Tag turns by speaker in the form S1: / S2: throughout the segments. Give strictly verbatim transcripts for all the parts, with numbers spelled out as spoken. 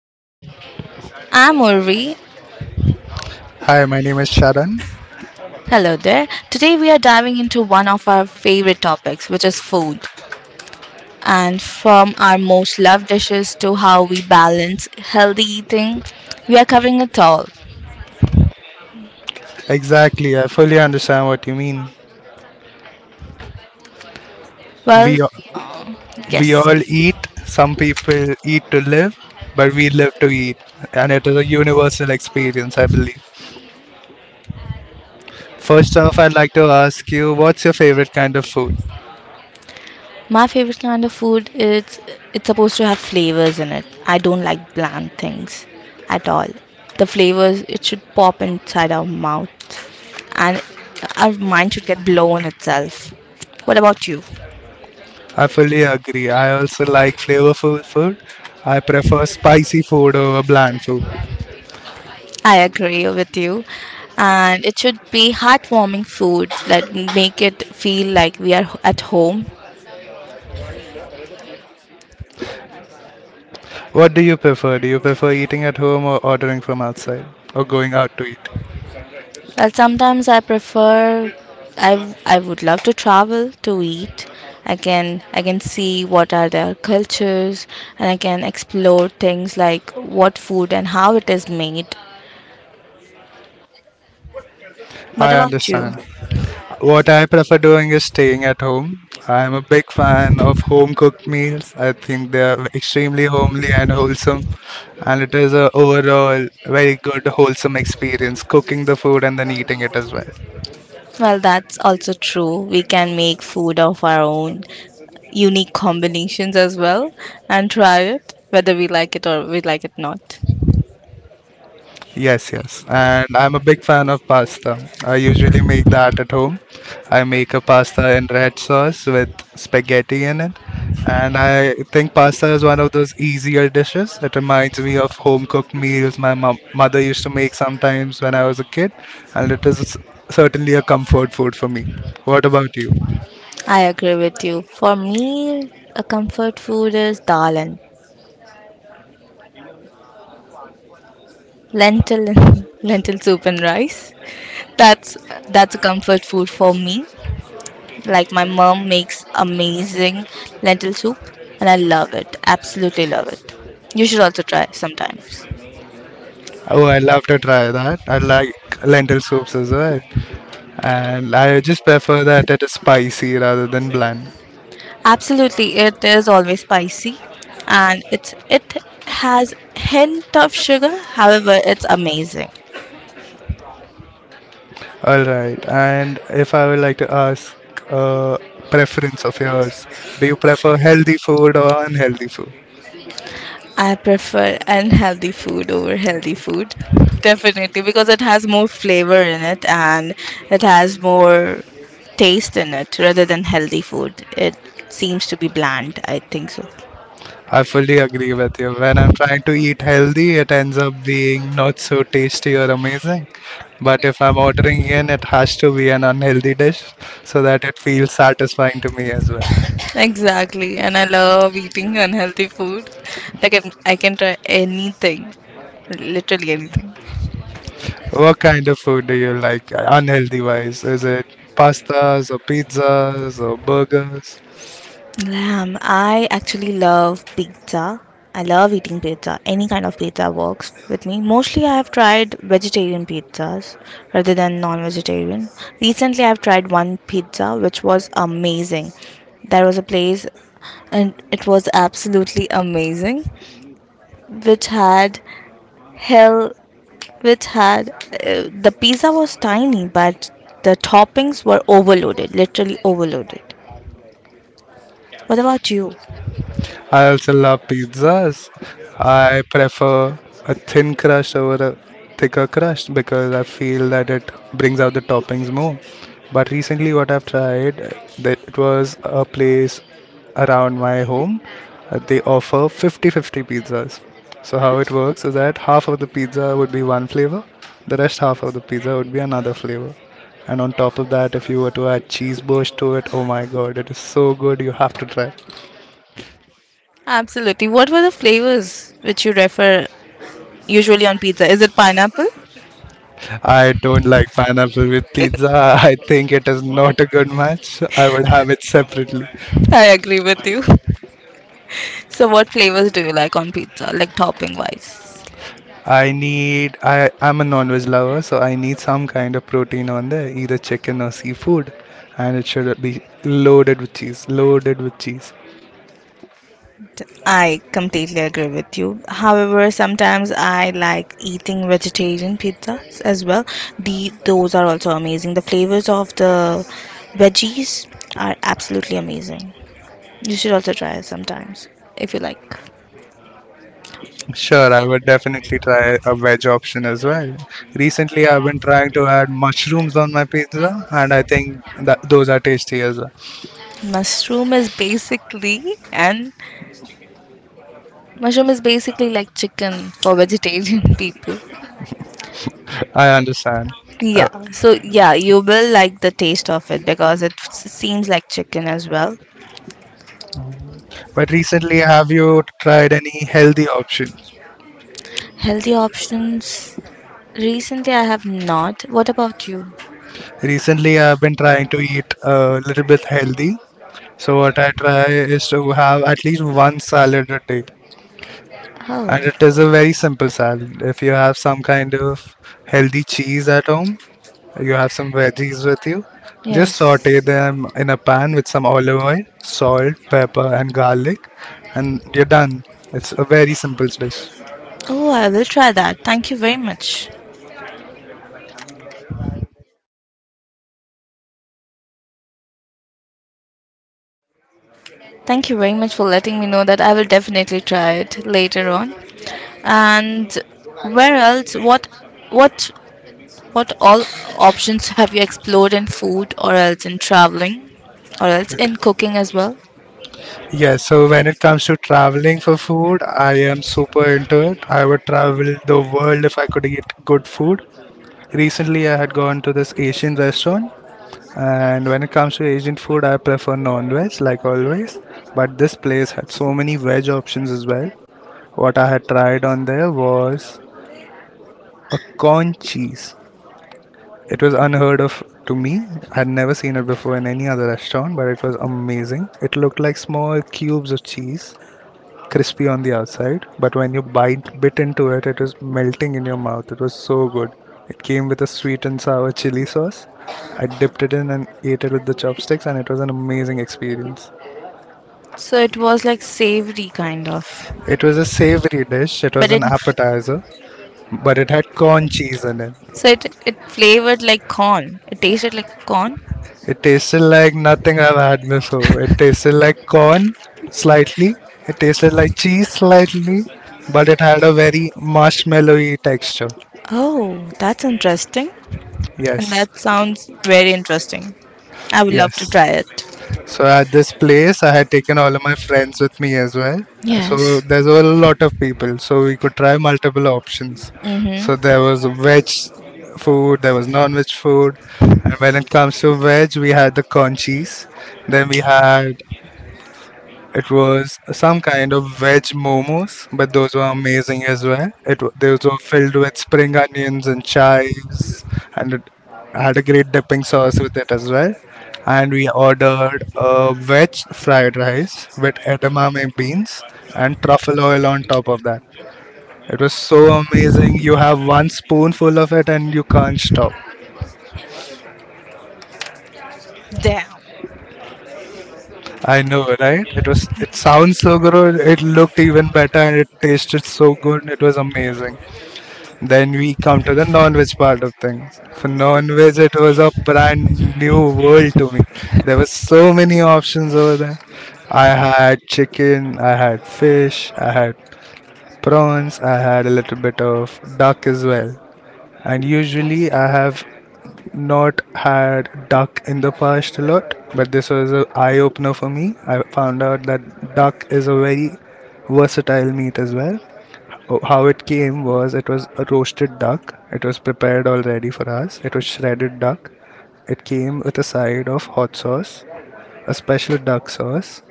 S1: Hello.
S2: I'm Urvi.
S1: Hi, my name is Sharan.
S2: Hello there. Today we are diving into one of our favorite topics, which is food. And from our most loved dishes to how we balance healthy eating, we are covering it all.
S1: Exactly, I fully understand what you mean. We
S2: Well,
S1: a- we
S2: yes.
S1: all eat. Some people eat to live, but we live to eat, and it is a universal experience, I believe. First off, I'd like to ask you, what's your favorite kind of food?
S2: My favorite kind of food is it's supposed to have flavors in it. I don't like bland things at all. The flavors it should pop inside our mouth and our mind should get blown itself. What about you?
S1: I fully agree. I also like flavorful food. I prefer spicy food over bland food.
S2: I agree with you. And it should be heartwarming food that make it feel like we are at home.
S1: What do you prefer? Do you prefer eating at home or ordering from outside or going out to eat?
S2: Well, sometimes I prefer. I I would love to travel to eat. I can I can see what are their cultures, and I can explore things like what food and how it is made. What
S1: I
S2: about you?
S1: understand. What I prefer doing is staying at home. I'm a big fan of home cooked meals. I think they are extremely homely and wholesome, and it is a overall very good wholesome experience cooking the food and then eating it as well.
S2: Well, that's also true. We can make food of our own, unique combinations as well, and try it whether we like it or we like it not.
S1: Yes, yes. And I'm a big fan of pasta. I usually make that at home. I make a pasta in red sauce with spaghetti in it. And I think pasta is one of those easier dishes. It reminds me of home cooked meals my mom- mother used to make sometimes when I was a kid. And it is certainly a comfort food for me. What about you?
S2: I agree with you. For me, a comfort food is dal and lentil and lentil soup and rice. That's that's a comfort food for me. Like my mom makes amazing lentil soup, and I love it. Absolutely love it. You should also try sometimes.
S1: Oh, I love to try that. I like lentil soups as well. And I just prefer that it is spicy rather than bland.
S2: Absolutely, it is always spicy and it's it has hint of sugar. However, it's amazing.
S1: All right. And if I would like to ask uh, preference of yours, do you prefer healthy food or unhealthy food?
S2: I prefer unhealthy food over healthy food. Definitely because it has more flavor in it and it has more taste in it rather than healthy food. It seems to be bland, I think so.
S1: I fully agree with you. When I'm trying to eat healthy, it ends up being not so tasty or amazing. But if I'm ordering in, it has to be an unhealthy dish so that it feels satisfying to me as well.
S2: Exactly, and I love eating unhealthy food. Like I can, I can try anything, literally anything.
S1: What kind of food do you like, unhealthy wise? Is it pastas or pizzas or burgers?
S2: Lamb. I actually love pizza. I love eating pizza. Any kind of pizza works with me. Mostly, I have tried vegetarian pizzas rather than non vegetarian. Recently, I've tried one pizza which was amazing. There was a place and it was absolutely amazing which had hell which had uh, the pizza was tiny but the toppings were overloaded, literally overloaded. What about you?
S1: I also love pizzas. I prefer a thin crust over a thicker crust because I feel that it brings out the toppings more. But recently, what I've tried, uh, that it was a place around my home. uh, They offer fifty fifty pizzas. So how it works is that half of the pizza would be one flavor, the rest half of the pizza would be another flavor. And on top of that, if you were to add cheese burst to it, oh my god, it is so good. You have to try.
S2: Absolutely. What were the flavors which you refer usually on pizza? Is it pineapple?
S1: I don't like pineapple with pizza. I think it is not a good match. I would have it separately.
S2: I agree with you. So, what flavors do you like on pizza, like topping wise?
S1: I need I I'm a non-veg lover, so I need some kind of protein on there, either chicken or seafood, and it should be loaded with cheese, loaded with cheese.
S2: I completely agree with you. However, sometimes I like eating vegetarian pizzas as well. The those are also amazing. The flavors of the veggies are absolutely amazing. You should also try it sometimes if you like.
S1: Sure, I would definitely try a veg option as well. Recently, I've been trying to add mushrooms on my pizza, and I think that those are tasty as well.
S2: Mushroom is basically an Mushroom is basically like chicken for vegetarian people.
S1: I understand.
S2: Yeah,
S1: Uh,
S2: so yeah, you will like the taste of it because it s- seems like chicken as well.
S1: But recently, have you tried any healthy options?
S2: Healthy options? Recently, I have not. What about you?
S1: Recently, I've been trying to eat a little bit healthy. So what I try is to have at least one salad a day,
S2: Oh,
S1: and it is a very simple salad. If you have some kind of healthy cheese at home, you have some veggies with you. Just saute
S2: yes.
S1: them in a pan with some olive oil, salt, pepper, and garlic, and you're done. It's a very simple dish.
S2: Oh, I will try that. Thank you very much. Thank you very much for letting me know that I will definitely try it later on. And where else? What, what, what all options have you explored in food, or else in traveling, or else in cooking as well?
S1: Yeah, so when it comes to traveling for food, I am super into it. I would travel the world if I could eat good food. Recently, I had gone to this Asian restaurant, and when it comes to Asian food, I prefer non-veg like always. But this place had so many veg options as well. What I had tried on there was a corn cheese. It was unheard of to me. I had never seen it before in any other restaurant, but it was amazing. It looked like small cubes of cheese crispy on the outside, but when you bite bit into it, it was melting in your mouth. It was so good. It came with a sweet and sour chili sauce. I dipped it in and ate it with the chopsticks, and it was an amazing experience.
S2: So it was like savory kind of,
S1: It was a savory dish. It was
S2: but
S1: an
S2: it
S1: appetizer, but it had corn cheese in it.
S2: so it it flavored like corn. It tasted like corn.
S1: It tasted like nothing I've had before. It tasted like corn slightly. It tasted like cheese slightly, but it had a very marshmallowy texture.
S2: Oh, that's interesting, and
S1: Yes,
S2: that sounds very interesting. I would love to
S1: yes.
S2: try it.
S1: So at this place, I had taken all of my friends with me as well. So
S2: Yes.
S1: there's a lot of people, so we could try multiple options.
S2: Mm-hmm.
S1: So there was veg food, there was non-veg food, and when it comes to veg, we had the conchis. Then we had it was some kind of veg momos, but those were amazing as well. It wa- those were filled with spring onions and chives, and it had a great dipping sauce with it as well. And we ordered a veg fried rice with edamame beans and truffle oil on top of that. It was so amazing. You have one spoonful of it and you can't stop.
S2: Damn.
S1: I know, right? It was. It sounds so good. It looked even better, and it tasted so good. It was amazing. Then we come to the non-veg part of things. For non-veg, it was a brand new world to me. There were so many options over there. I had chicken, I had fish, I had prawns, I had a little bit of duck as well. And usually, I have not had duck in the past a lot, but this was an eye opener for me. I found out that duck is a very versatile meat as well. Oh, how it came was it was a roasted duck. It was prepared already for us. It was shredded duck. It came with a side of hot sauce, a special duck sauce,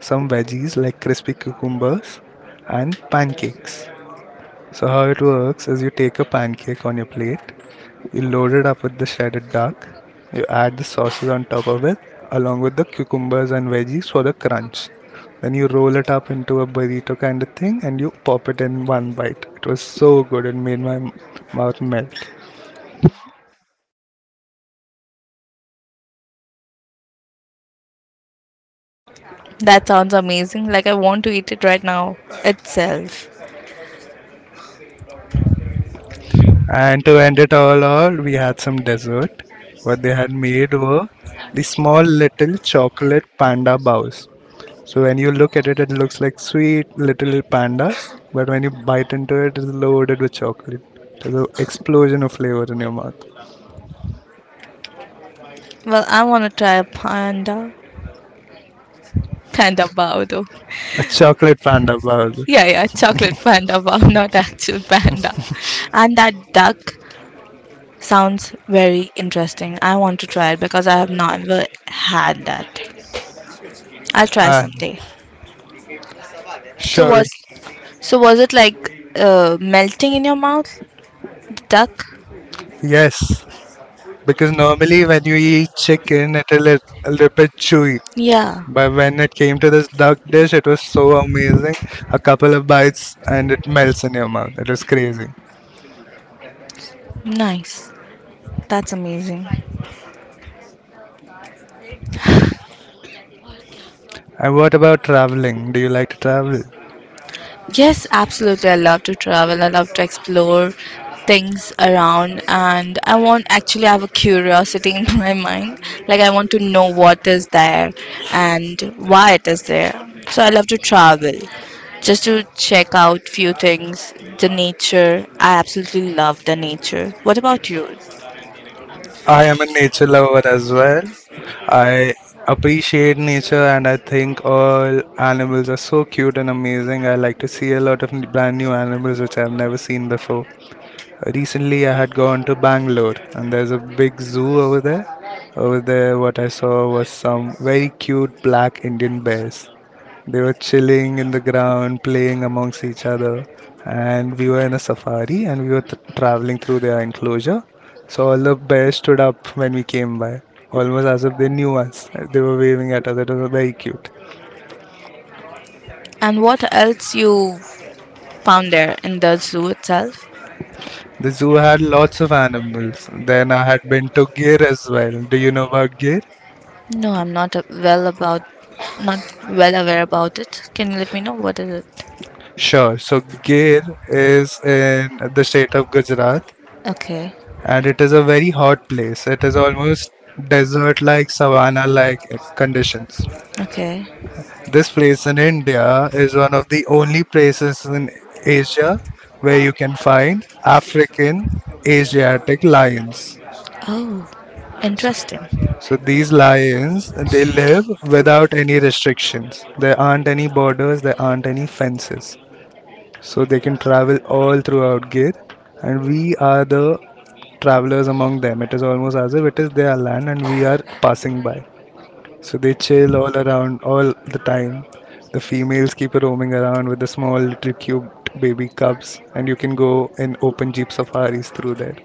S1: some veggies like crispy cucumbers, and pancakes. So how it works is you take a pancake on your plate, you load it up with the shredded duck, you add the sauces on top of it, along with the cucumbers and veggies for the crunch. Then you roll it up into a burrito kind of thing and you pop it in one bite. It was so good, it made my m- mouth melt.
S2: That sounds amazing. Like I want to eat it right now itself.
S1: And to end it all, all we had some dessert. What they had made were the small little chocolate panda bows. So when you look at it, it looks like sweet little pandas, but when you bite into it, it's loaded with chocolate. There's an explosion of flavor in your mouth.
S2: Well, I want to try a panda. Panda bao though.
S1: A chocolate panda bowl.
S2: Yeah, yeah, chocolate panda bao, not actual panda. And that duck sounds very interesting. I want to try it because I have never had that. I'll try
S1: Ah,
S2: someday. So
S1: sure.
S2: was so was it like uh, melting in your mouth? The duck?
S1: Yes, because normally when you eat chicken, it'll a little bit chewy,
S2: Yeah,
S1: but when it came to this duck dish, it was so amazing. A couple of bites and it melts in your mouth. It was crazy.
S2: nice. That's amazing.
S1: And what about traveling? Do you like to travel?
S2: Yes, absolutely. I love to travel. I love to explore things around and I want actually I have a curiosity in my mind. Like I want to know what is there and why it is there. So I love to travel just to check out few things, the nature. I absolutely love the nature. What about you?
S1: I am a nature lover as well. I appreciate nature and I think all animals are so cute and amazing. I like to see a lot of n- brand new animals which I've never seen before. Recently, I had gone to Bangalore, and there's a big zoo over there. Over there, what I saw was some very cute black Indian bears. They were chilling in the ground, playing amongst each other, and we were in a safari and we were th- traveling through their enclosure. So all the bears stood up when we came by, almost as if they knew us. They were waving at us. It was very cute.
S2: And what else you found there in the zoo itself?
S1: The zoo had lots of animals. Then I had been to Gir as well. Do you know about Gir?
S2: No, I'm not uh, well about not well aware about it. Can you let me know what is it?
S1: Sure. So Gir is in the state of Gujarat
S2: Okay.
S1: and it is a very hot place. It is almost desert like savanna like conditions.
S2: Okay.
S1: This place in India is one of the only places in Asia where you can find African Asiatic lions.
S2: Oh, interesting.
S1: So these lions they live without any restrictions. There aren't any borders, there aren't any fences. So they can travel all throughout Gir, and we are the travelers among them. It is almost as if it is their land and we are passing by. So they chill all around all the time. The females keep roaming around with the small little cute baby cubs, and you can go in open jeep safaris through there.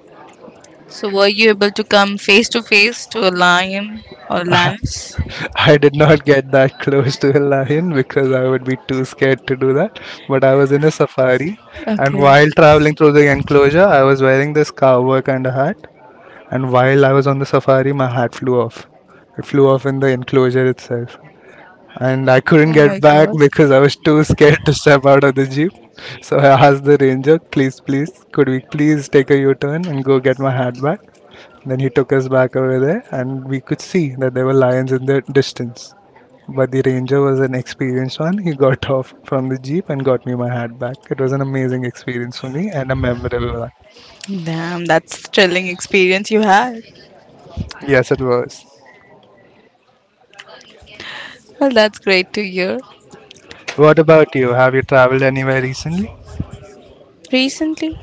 S2: So, were you able to come face to face to a lion or lance?
S1: I did not get that close to a lion because I would be too scared to do that. But I was in a safari, and
S2: Okay.
S1: while traveling through the enclosure, I was wearing this cowboy kind of hat, and while I was on the safari, my hat flew off. It flew off in the enclosure itself. And I couldn't
S2: Oh
S1: get
S2: my
S1: back
S2: god.
S1: because I was too scared to step out of the jeep. So I asked the ranger, please, please, could we please take a U turn and go get my hat back? Then he took us back over there, and we could see that there were lions in the distance. But the ranger was an experienced one. He got off from the jeep and got me my hat back. It was an amazing experience for me and a memorable one.
S2: Damn, that's a thrilling experience you had.
S1: Yes, it was.
S2: Well, that's great to hear.
S1: What about you? Have you traveled anywhere recently?
S2: Recently,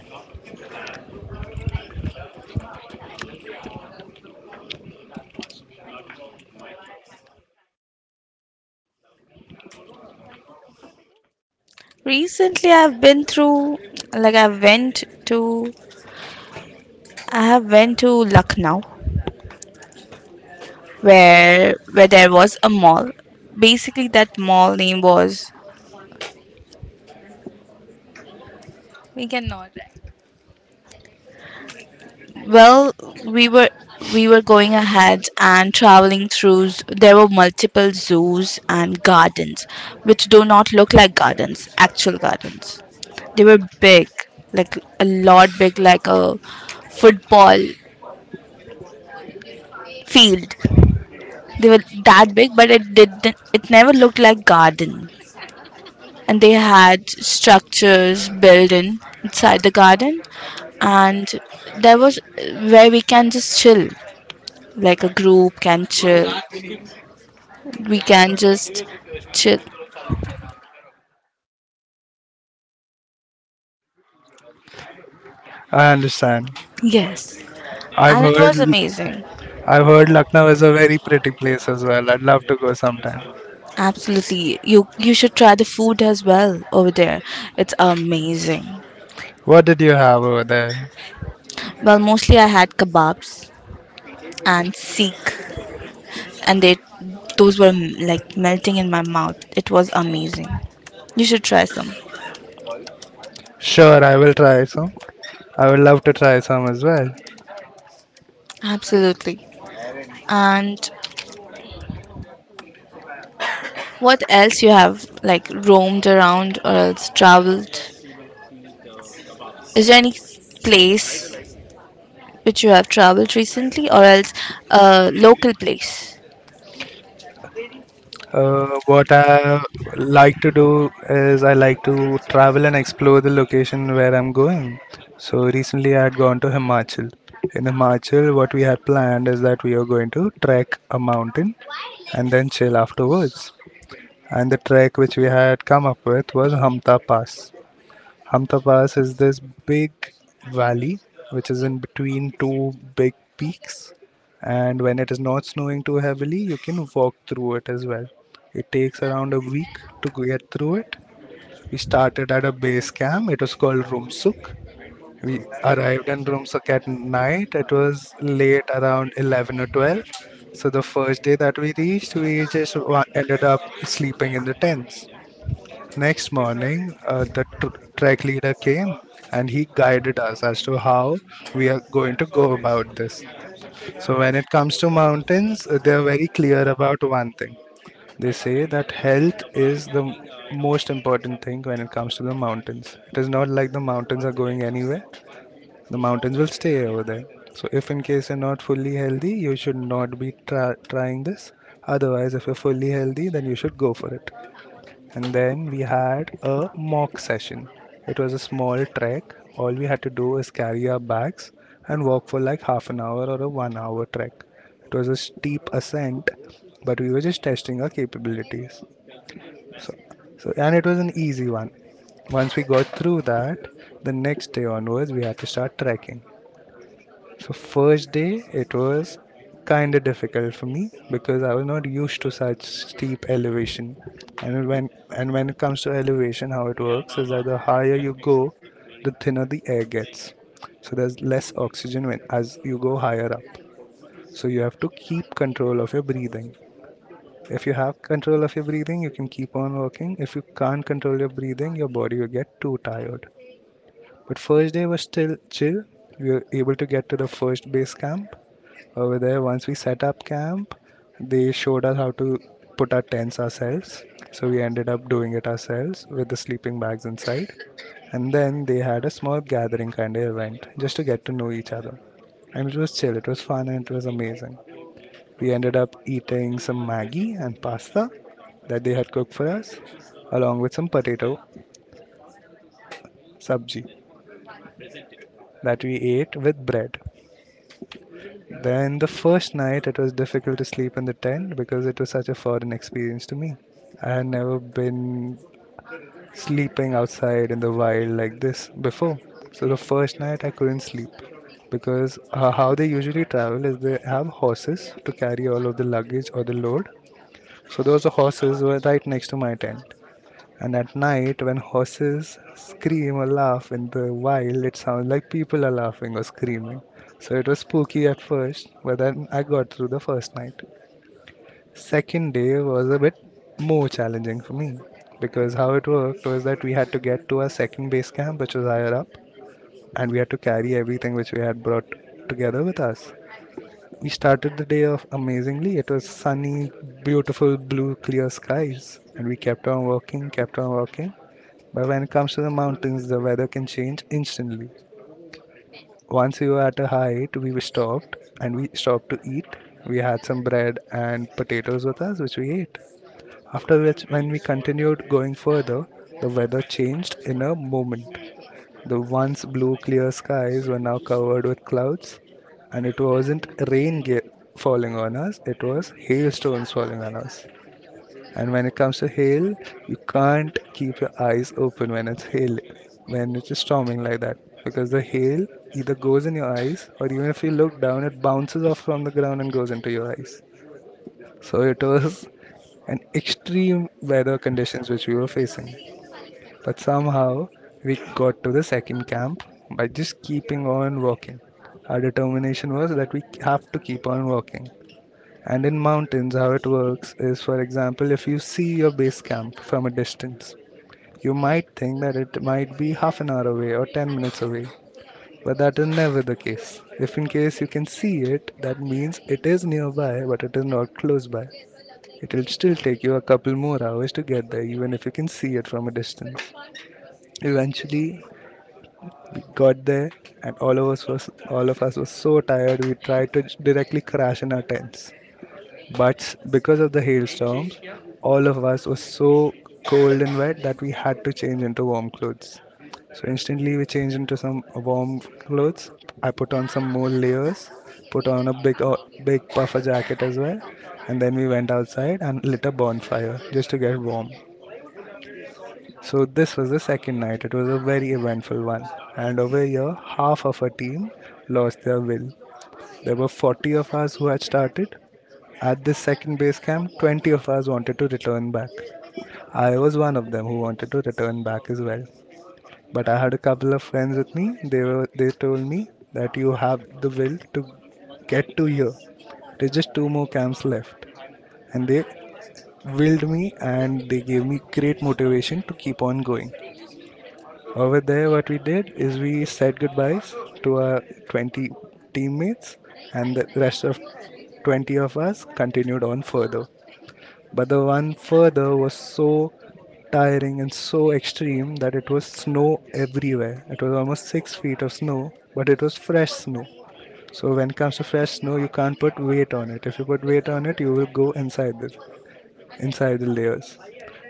S2: recently I've been through like I went to I have went to Lucknow where where there was a mall. Basically that mall name was we cannot. Well, we were we were going ahead and traveling through. z- There were multiple zoos and gardens, which do not look like gardens, actual gardens. They were big, like a lot big, like a football field. They were that big, but it didn't. It never looked like garden. And they had structures built in inside the garden, and there was where we can just chill, like a group can chill we can just chill.
S1: I understand.
S2: Yes,
S1: I've
S2: and it
S1: heard
S2: was amazing.
S1: I've heard Lucknow is a very pretty place as well. I'd love to go sometime.
S2: Absolutely, you you should try the food as well over there. It's amazing.
S1: What did you have over there?
S2: Well, mostly I had kebabs and seek, and they those were mm, like melting in my mouth. It was amazing. You should try some.
S1: Sure, I will try some. I would love to try some as well.
S2: Absolutely. And what else you have like roamed around or else traveled? Is there any place which you have traveled recently, or else a local place?
S1: Uh, what I like to do is I like to travel and explore the location where I'm going. So recently I had gone to Himachal. In Himachal, what we had planned is that we are going to trek a mountain and then chill afterwards. And the trek which we had come up with was Hamta Pass. Hamta Pass is this big valley which is in between two big peaks, and when it is not snowing too heavily, you can walk through it as well. It takes around a week to get through it. We started at a base camp. It was called Rumsuk. We arrived in Rumsuk at night. It was late around eleven or twelve. So the first day that we reached, we just ended up sleeping in the tents. Next morning, uh, the tr- track leader came and he guided us as to how we are going to go about this. So, when it comes to mountains, uh, they are very clear about one thing. They say that health is the m- most important thing when it comes to the mountains. It is not like the mountains are going anywhere, the mountains will stay over there. So, if in case you're not fully healthy, you should not be tra- trying this. Otherwise, if you're fully healthy, then you should go for it. And then we had a mock session. It was a small trek. All we had to do is carry our bags and walk for like half an hour or a one hour trek. It was a steep ascent, but we were just testing our capabilities. So, so and it was an easy one. Once we got through that, the next day onwards we had to start trekking. So first day it was kind of difficult for me because I was not used to such steep elevation. And when and when it comes to elevation, how it works is that the higher you go, the thinner the air gets. So there's less oxygen when as you go higher up. So you have to keep control of your breathing. If you have control of your breathing, you can keep on working. If you can't control your breathing, your body will get too tired. But first day was still chill. We were able to get to the first base camp. Over there, once we set up camp, they showed us how to put our tents ourselves. So we ended up doing it ourselves with the sleeping bags inside. And then they had a small gathering kind of event just to get to know each other. And it was chill, it was fun, and it was amazing. We ended up eating some Maggie and pasta that they had cooked for us, along with some potato sabji that we ate with bread. Then the first night it was difficult to sleep in the tent because it was such a foreign experience to me. I had never been sleeping outside in the wild like this before. So the first night I couldn't sleep because uh, how they usually travel is they have horses to carry all of the luggage or the load. So those horses were right next to my tent. And at night, when horses scream or laugh in the wild, it sounds like people are laughing or screaming. So it was spooky at first, but then I got through the first night. Second day was a bit more challenging for me because how it worked was that we had to get to our second base camp, which was higher up, and we had to carry everything which we had brought together with us. We started the day off amazingly. It was sunny, beautiful, blue, clear skies, and we kept on walking, kept on walking. But when it comes to the mountains, the weather can change instantly. Once we were at a height, we were stopped and we stopped to eat. We had some bread and potatoes with us, which we ate. After which, when we continued going further, the weather changed in a moment. The once blue clear skies were now covered with clouds, and it wasn't rain ge- falling on us, it was hailstones falling on us. And when it comes to hail, you can't keep your eyes open when it's hail, when it is storming like that, because the hail either goes in your eyes, or even if you look down, it bounces off from the ground and goes into your eyes. So it was an extreme weather conditions which we were facing. But somehow we got to the second camp by just keeping on walking. Our determination was that we have to keep on walking. And in mountains, how it works is, for example, if you see your base camp from a distance, you might think that it might be half an hour away or ten minutes away. But that is never the case. If in case you can see it, that means it is nearby, but it is not close by. It will still take you a couple more hours to get there, even if you can see it from a distance. Eventually, got there, and all of us was all of us was so tired we tried to j- directly crash in our tents, but s- because of the hailstorm all of us was so cold and wet that we had to change into warm clothes. So instantly we changed into some warm clothes. I put on some more layers, put on a big uh, big puffer jacket as well. And then we went outside and lit a bonfire just to get warm. So this was the second night. It was a very eventful one. And over here, half of our team lost their will. There were forty of us who had started. At this second base camp, twenty of us wanted to return back. I was one of them who wanted to return back as well. But I had a couple of friends with me. They were they told me that you have the will to get to here. There's just two more camps left. And they willed me and they gave me great motivation to keep on going. Over there, what we did is we said goodbyes to our twenty teammates, and the rest of twenty of us continued on further. But the one further was so tiring and so extreme that it was snow everywhere. It was almost six feet of snow, but it was fresh snow. So when it comes to fresh snow, you can't put weight on it. If you put weight on it, you will go inside this inside the layers.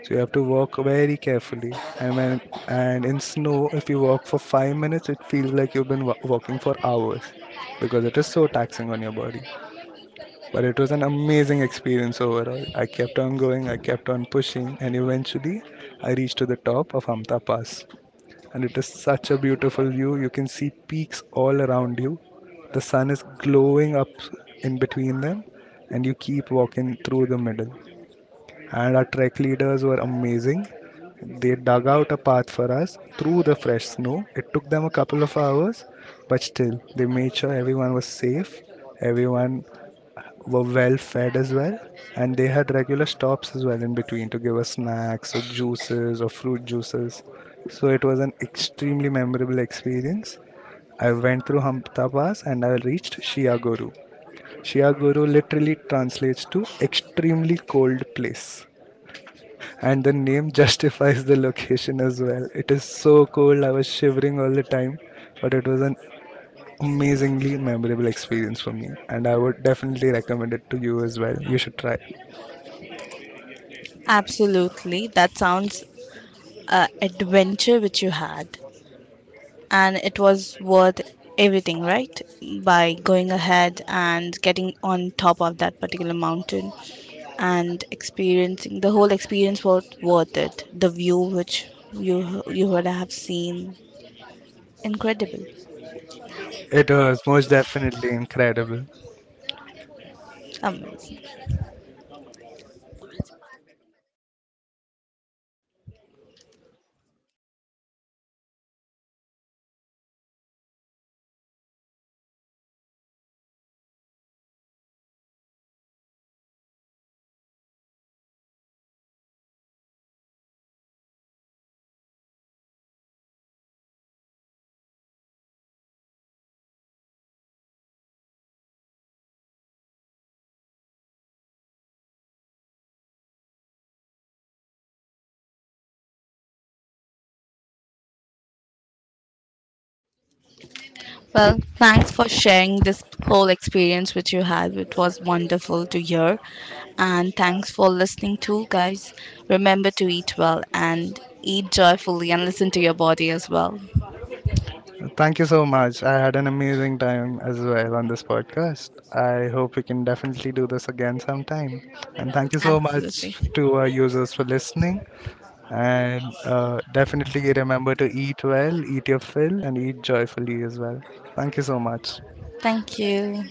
S1: So you have to walk very carefully. I mean, and in snow, if you walk for five minutes, it feels like you've been wa- walking for hours because it is so taxing on your body. But it was an amazing experience overall. I kept on going, I kept on pushing, and eventually I reached to the top of Hamta Pass. And it is such a beautiful view. You can see peaks all around you. The sun is glowing up in between them, and you keep walking through the middle, and our trek leaders were amazing. They dug out a path for us through the fresh snow. It took them a couple of hours, but still, they made sure everyone was safe, everyone were well fed as well, and they had regular stops as well in between to give us snacks or juices or fruit juices. So it was an extremely memorable experience. I went through Hampta Pass and I reached Shiaguru. Shiaguru literally translates to extremely cold place, and the name justifies the location as well. It is so cold, I was shivering all the time, but it was an amazingly memorable experience for me, and I would definitely recommend it to you as well. You should try.
S2: Absolutely. That sounds uh, adventure which you had and it was worth everything, right? By going ahead and getting on top of that particular mountain and experiencing the whole experience was worth it. The view which you you would have seen incredible.
S1: It was most definitely incredible.
S2: Amazing. Well, thanks for sharing this whole experience which you had. It was wonderful to hear. And thanks for listening too, guys. Remember to eat well and eat joyfully and listen to your body as well.
S1: Thank you so much. I had an amazing time as well on this podcast. I hope we can definitely do this again sometime. And thank you so
S2: Absolutely.
S1: much to our users for listening. And uh, definitely remember to eat well, eat your fill, and eat joyfully as well. Thank you so much.
S2: Thank you.